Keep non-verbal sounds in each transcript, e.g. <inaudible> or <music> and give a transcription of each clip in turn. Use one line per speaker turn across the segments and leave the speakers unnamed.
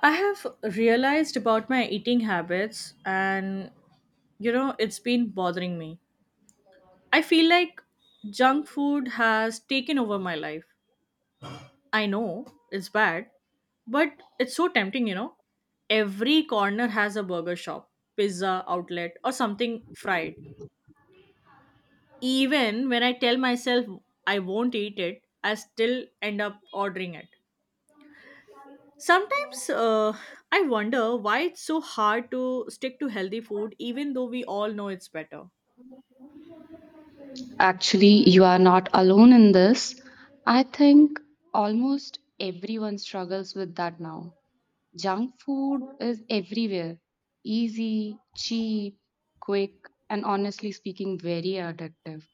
I have realized about my eating habits and you know it's been bothering me. I feel like junk food has taken over my life. I know it's bad, but it's so tempting, you know. Every corner has a burger shop, pizza outlet or something fried. Even when I tell myself I won't eat it, I still end up ordering it. Sometimes I wonder why it's so hard to stick to healthy food, even though we all know it's better.
Actually, you are not alone in this. I think almost everyone struggles with that now. Junk food is everywhere easy, cheap, quick, and honestly speaking, very addictive.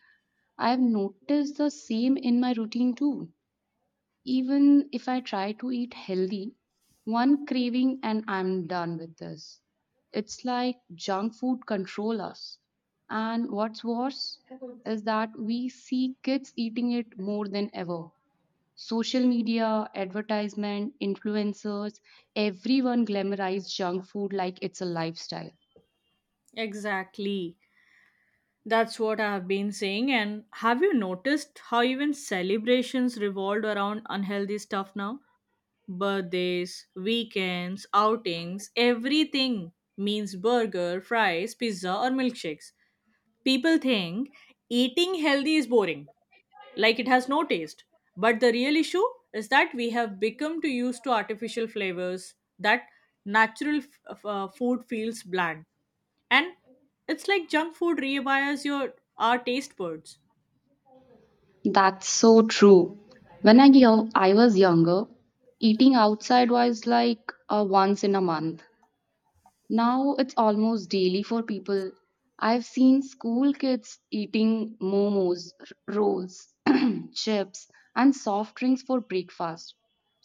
I've noticed the same in my routine too. Even if I try to eat healthy, one craving and I'm done with this. It's like junk food control us. And what's worse is that we see kids eating it more than ever. Social media, advertisement, influencers, everyone glamorize junk food like it's a lifestyle.
Exactly. That's what I've been saying. And have you noticed how even celebrations revolved around unhealthy stuff now? Birthdays, weekends, outings, everything means burger, fries, pizza, or milkshakes. People think eating healthy is boring like it has no taste. But the real issue is that we have become too used to artificial flavors that natural food feels bland. And it's like junk food rewires your our taste buds.
That's so true. I was younger, eating outside was like a once in a month. Now it's almost daily for people. I've seen school kids eating momos, rolls, <clears throat> chips, and soft drinks for breakfast.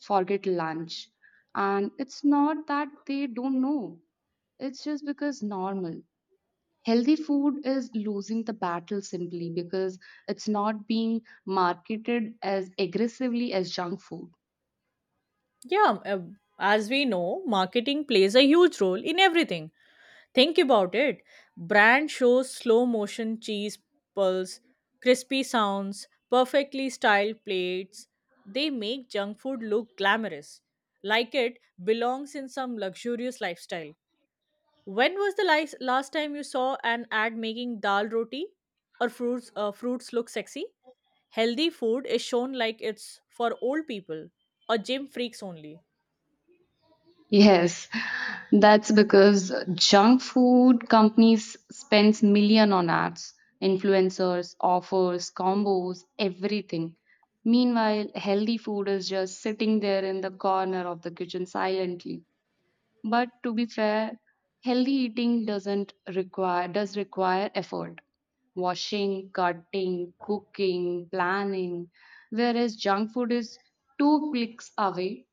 Forget lunch. And it's not that they don't know, it's just because normal. Healthy food is losing the battle simply because it's not being marketed as aggressively as junk food.
Yeah, as we know, marketing plays a huge role in everything. Think about it. Brand shows slow motion cheese pulls, crispy sounds, perfectly styled plates. They make junk food look glamorous, like it belongs in some luxurious lifestyle. When was the last time you saw an ad making dal roti or fruits fruits look sexy? Healthy food is shown like it's for old people or gym freaks only.
Yes, that's because junk food companies spends million on ads, influencers, offers, combos, everything. Meanwhile, healthy food is just sitting there in the corner of the kitchen silently. But to be fair, healthy eating doesn't require does require effort. Washing, cutting, cooking, planning, whereas junk food is two clicks away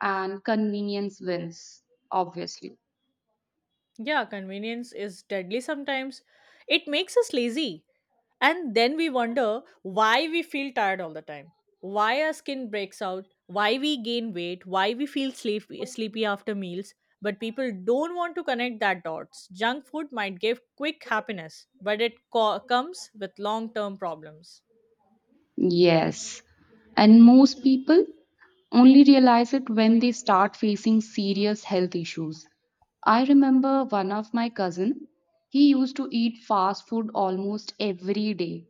and convenience wins, obviously.
Yeah, convenience is deadly sometimes. It makes us lazy. And then we wonder why we feel tired all the time, why our skin breaks out, why we gain weight, why we feel sleepy, sleepy after meals. But people don't want to connect that dots. Junk food might give quick happiness, but it comes with long term problems.
Yes. And most people only realize it when they start facing serious health issues. I remember one of my cousin, he used to eat fast food almost every day.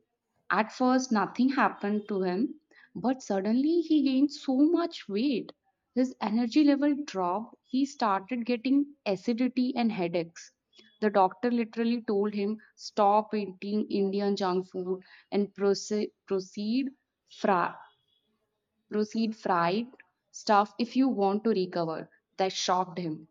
At first nothing happened to him, but suddenly he gained so much weight. His energy level dropped. He started getting acidity and headaches. The doctor literally told him, Stop eating Indian junk food and fra- proceed fried stuff if you want to recover. That shocked him.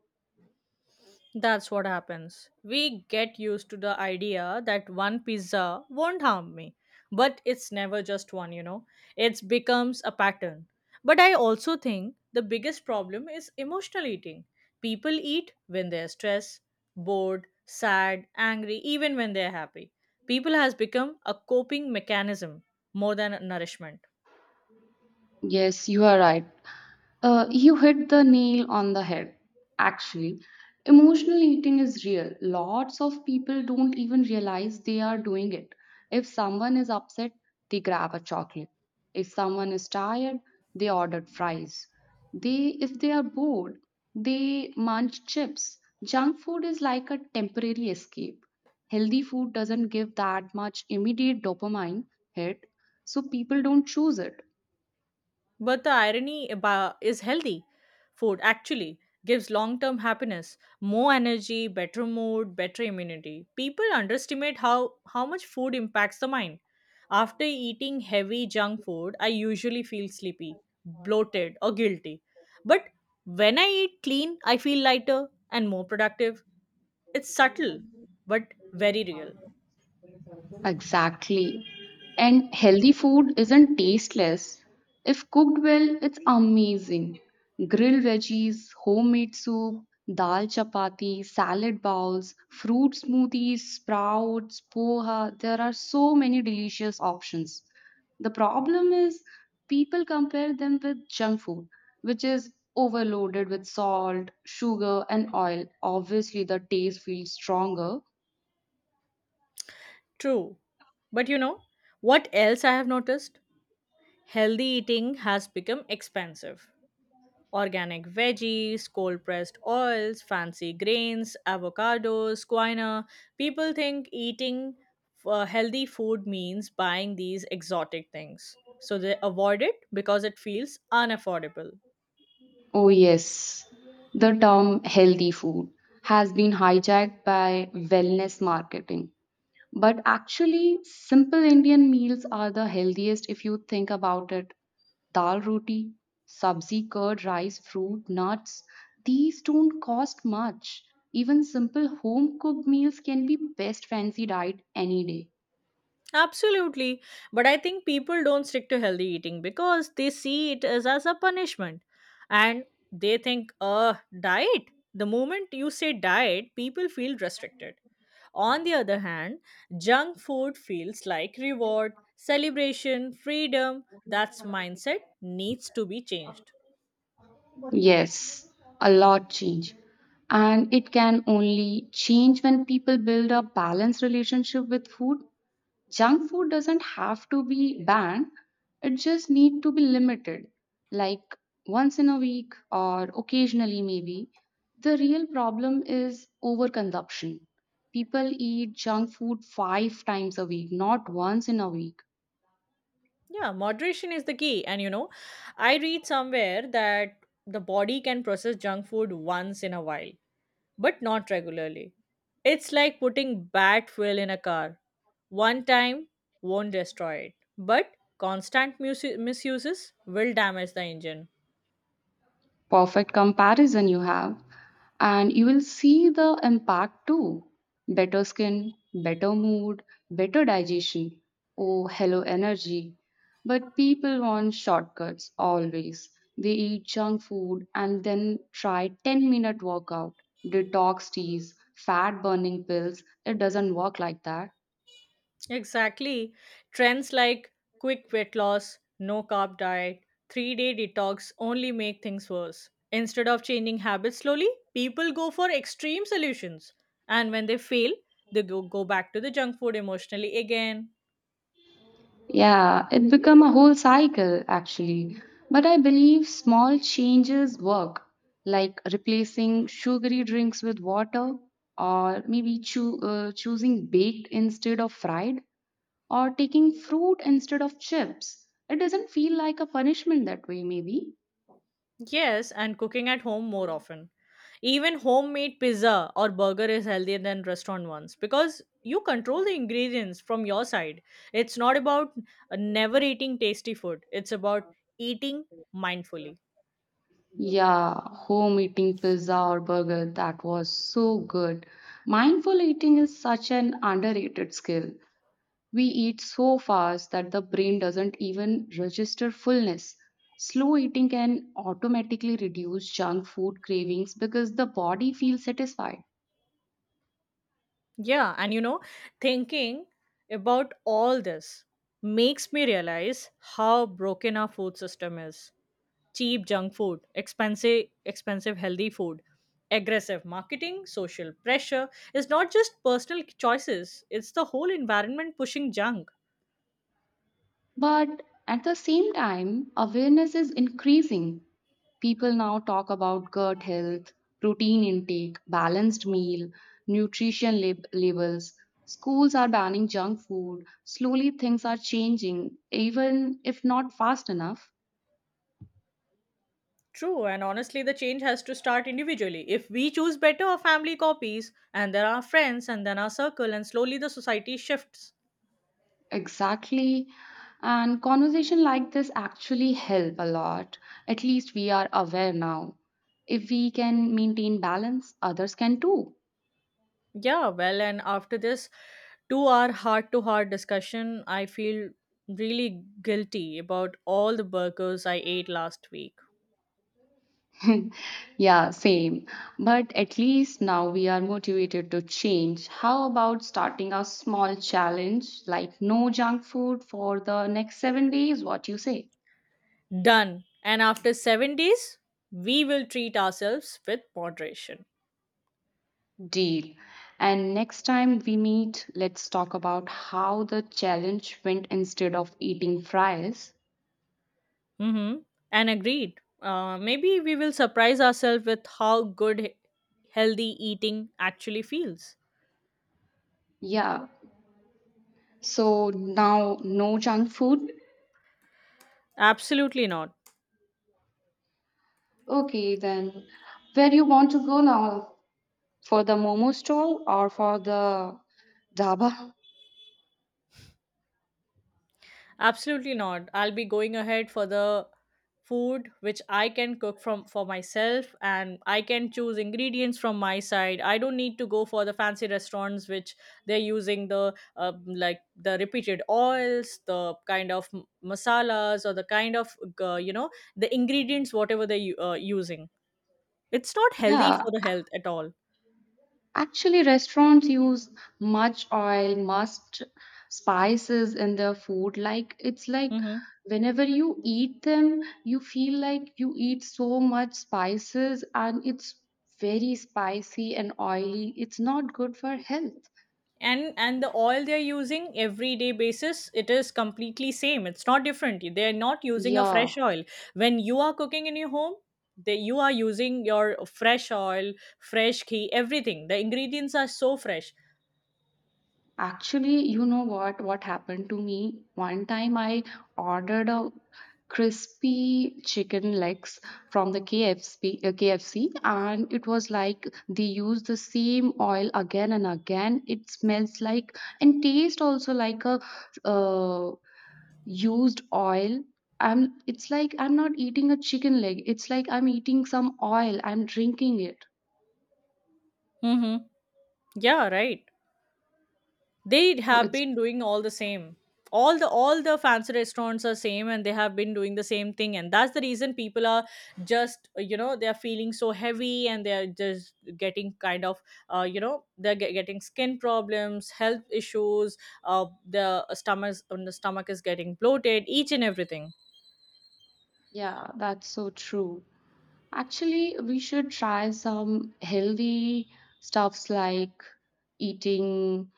That's what happens. We get used to the idea that one pizza won't harm me, but it's never just one, you know. It becomes a pattern. But I also think the biggest problem is emotional eating. People eat when they're stressed, bored, sad, angry, even when they're happy. People has become a coping mechanism more than a nourishment.
Yes, you are right. You hit the nail on the head, actually. Emotional eating is real. Lots of people don't even realize they are doing it. If someone is upset, they grab a chocolate. If someone is tired, they order fries. They, if they are bored, they munch chips. Junk food is like a temporary escape. Healthy food doesn't give that much immediate dopamine hit, so people don't choose it.
But the irony about is healthy food actually gives long-term happiness, more energy, better mood, better immunity. People underestimate how much food impacts the mind. After eating heavy junk food, I usually feel sleepy, bloated, or guilty. But when I eat clean, I feel lighter and more productive. It's subtle, but very real.
Exactly. And healthy food isn't tasteless. If cooked well, it's amazing. Grilled veggies, homemade soup, dal chapati, salad bowls, fruit smoothies, sprouts, poha. There are so many delicious options. The problem is people compare them with junk food, which is overloaded with salt, sugar, and oil. Obviously, the taste feels stronger.
True. But you know, what else I have noticed? Healthy eating has become expensive. Organic veggies, cold pressed oils, fancy grains, avocados, quinoa. People think eating healthy food means buying these exotic things. So they avoid it because it feels unaffordable.
Oh, yes. The term healthy food has been hijacked by wellness marketing. But actually, simple Indian meals are the healthiest if you think about it. Dal roti, sabzi, curd, rice, fruit, nuts, these don't cost much. Even simple home cooked meals can be best fancy diet any day.
Absolutely. But I think people don't stick to healthy eating because they see it as a punishment. And they think, diet. The moment you say diet, people feel restricted. On the other hand, junk food feels like reward, celebration, freedom. That mindset needs to be changed.
Yes, a lot change. And it can only change when people build a balanced relationship with food. Junk food doesn't have to be banned, it just need to be limited, like once in a week or occasionally maybe. The real problem is overconsumption. People eat junk food five times a week, not once in a week.
Yeah, moderation is the key. And you know, I read somewhere that the body can process junk food once in a while, but not regularly. It's like putting bad fuel in a car. One time won't destroy it, but constant misuses will damage the engine.
Perfect comparison you have. And you will see the impact too better skin, better mood, better digestion. Oh, hello, energy. But people want shortcuts always. They eat junk food and then try 10-minute workout, detox teas, fat burning pills. It doesn't work like that.
Exactly. Trends like quick weight loss, no carb diet, 3 day detox only make things worse. Instead of changing habits slowly, people go for extreme solutions. And when they fail, they go back to the junk food emotionally again.
Yeah, it become a whole cycle actually. But I believe small changes work, like replacing sugary drinks with water, or maybe choosing baked instead of fried, or taking fruit instead of chips. It doesn't feel like a punishment that way, maybe.
Yes, and cooking at home more often. Even homemade pizza or burger is healthier than restaurant ones because you control the ingredients from your side. It's not about never eating tasty food, it's about eating mindfully.
Yeah, home eating pizza or burger, that was so good. Mindful eating is such an underrated skill. We eat so fast that the brain doesn't even register fullness. Slow eating can automatically reduce junk food cravings because the body feels satisfied.
Yeah, and you know, thinking about all this makes me realize how broken our food system is. Cheap junk food, expensive healthy food, aggressive marketing, social pressure. It's not just personal choices, it's the whole environment pushing junk.
But at the same time, awareness is increasing. People now talk about gut health, protein intake, balanced meal, labels. Schools are banning junk food. Slowly, things are changing, even if not fast enough.
True, and honestly, the change has to start individually. If we choose better, our family copies, and then our friends, and then our circle, and slowly the society shifts.
Exactly. And conversation like this actually help a lot. At least we are aware now. If we can maintain balance, others can too.
Yeah, well, and after this 2 hour heart to heart discussion, I feel really guilty about all the burgers I ate last week.
<laughs> Yeah, same. But at least now we are motivated to change. How about starting a small challenge like no junk food for the next 7 days? What you say?
Done. And after 7 days, we will treat ourselves with moderation.
Deal. And next time we meet, let's talk about how the challenge went instead of eating fries.
Mm-hmm. And agreed. Maybe we will surprise ourselves with how good healthy eating actually feels.
Yeah. So now no junk food?
Absolutely not.
Okay, then where you want to go now? For the momo stall or for the dhaba?
Absolutely not. I'll be going ahead for the food which I can cook from for myself and I can choose ingredients from my side. I don't need to go for the fancy restaurants which they're using the like the repeated oils, the kind of masalas or the kind of you know the ingredients whatever they're using. It's not healthy
Yeah.
for the health at all.
Actually, restaurants use much oil, much spices in their food. Like it's like
Mm-hmm.
whenever you eat them, you feel like you eat so much spices and it's very spicy and oily. It's not good for health.
And the oil they're using everyday basis, it is completely same, it's not different, they're not using a
Yeah.
fresh oil. When you are cooking in your home, you are using your fresh oil, fresh ghee, everything, the ingredients are so fresh.
Actually, you know what? What happened to me? One time I ordered a crispy chicken legs from the KFC and it was like they use the same oil again and again. It smells like and taste also like a uh, used oil. I'm, it's like I'm not eating a chicken leg. It's like I'm eating some oil. I'm drinking it.
Mm-hmm. Yeah, right, they
So
have
it's,
been doing all the same. All the fancy restaurants are same and they have been doing the same thing and that's the reason people are just you know, they're feeling so heavy and they're just getting kind of you know, they're getting skin problems, health issues, the stomach is getting bloated, each and everything.
yeah, that's so true. Actually, we should try some healthy stuffs like eating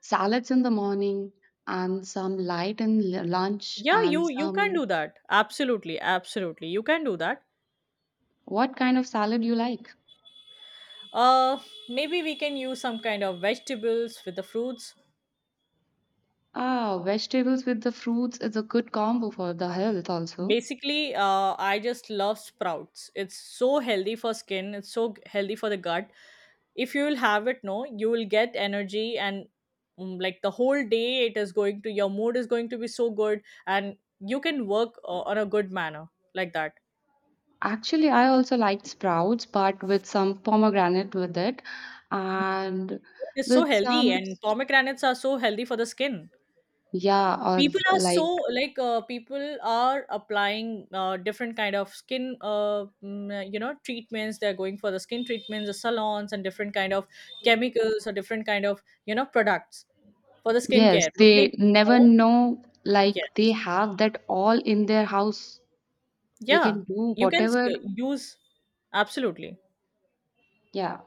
salads in the morning and some light in lunch
Yeah,
and
you can
some
do that, absolutely, absolutely you can do that.
what kind of salad you like?
uh maybe we can use some kind of vegetables with the fruits.
Ah, vegetables with the fruits is a good combo for the health also.
Basically, I just love sprouts, it's so healthy for skin, it's so healthy for the gut. If you will have it, no, you will get energy, and mm, like the whole day it is going to, your mood is going to be so good, and you can work on a good manner, like that.
Actually, I also like sprouts, but with some pomegranate with it and
It is so
with
healthy
some
and pomegranates are so healthy for the skin.
yeah, or
People are so,
like
like people are applying different kind of skin you know, treatments, they're going for the skin treatments, the salons, and different kind of chemicals or different kind of, you know, products for the
Yes,
skincare, but they
they
don't
never
know.
know, like, they
Yes.
have that all in their house. They
Yeah,
can do
you can
whatever.
use, absolutely.
Yeah.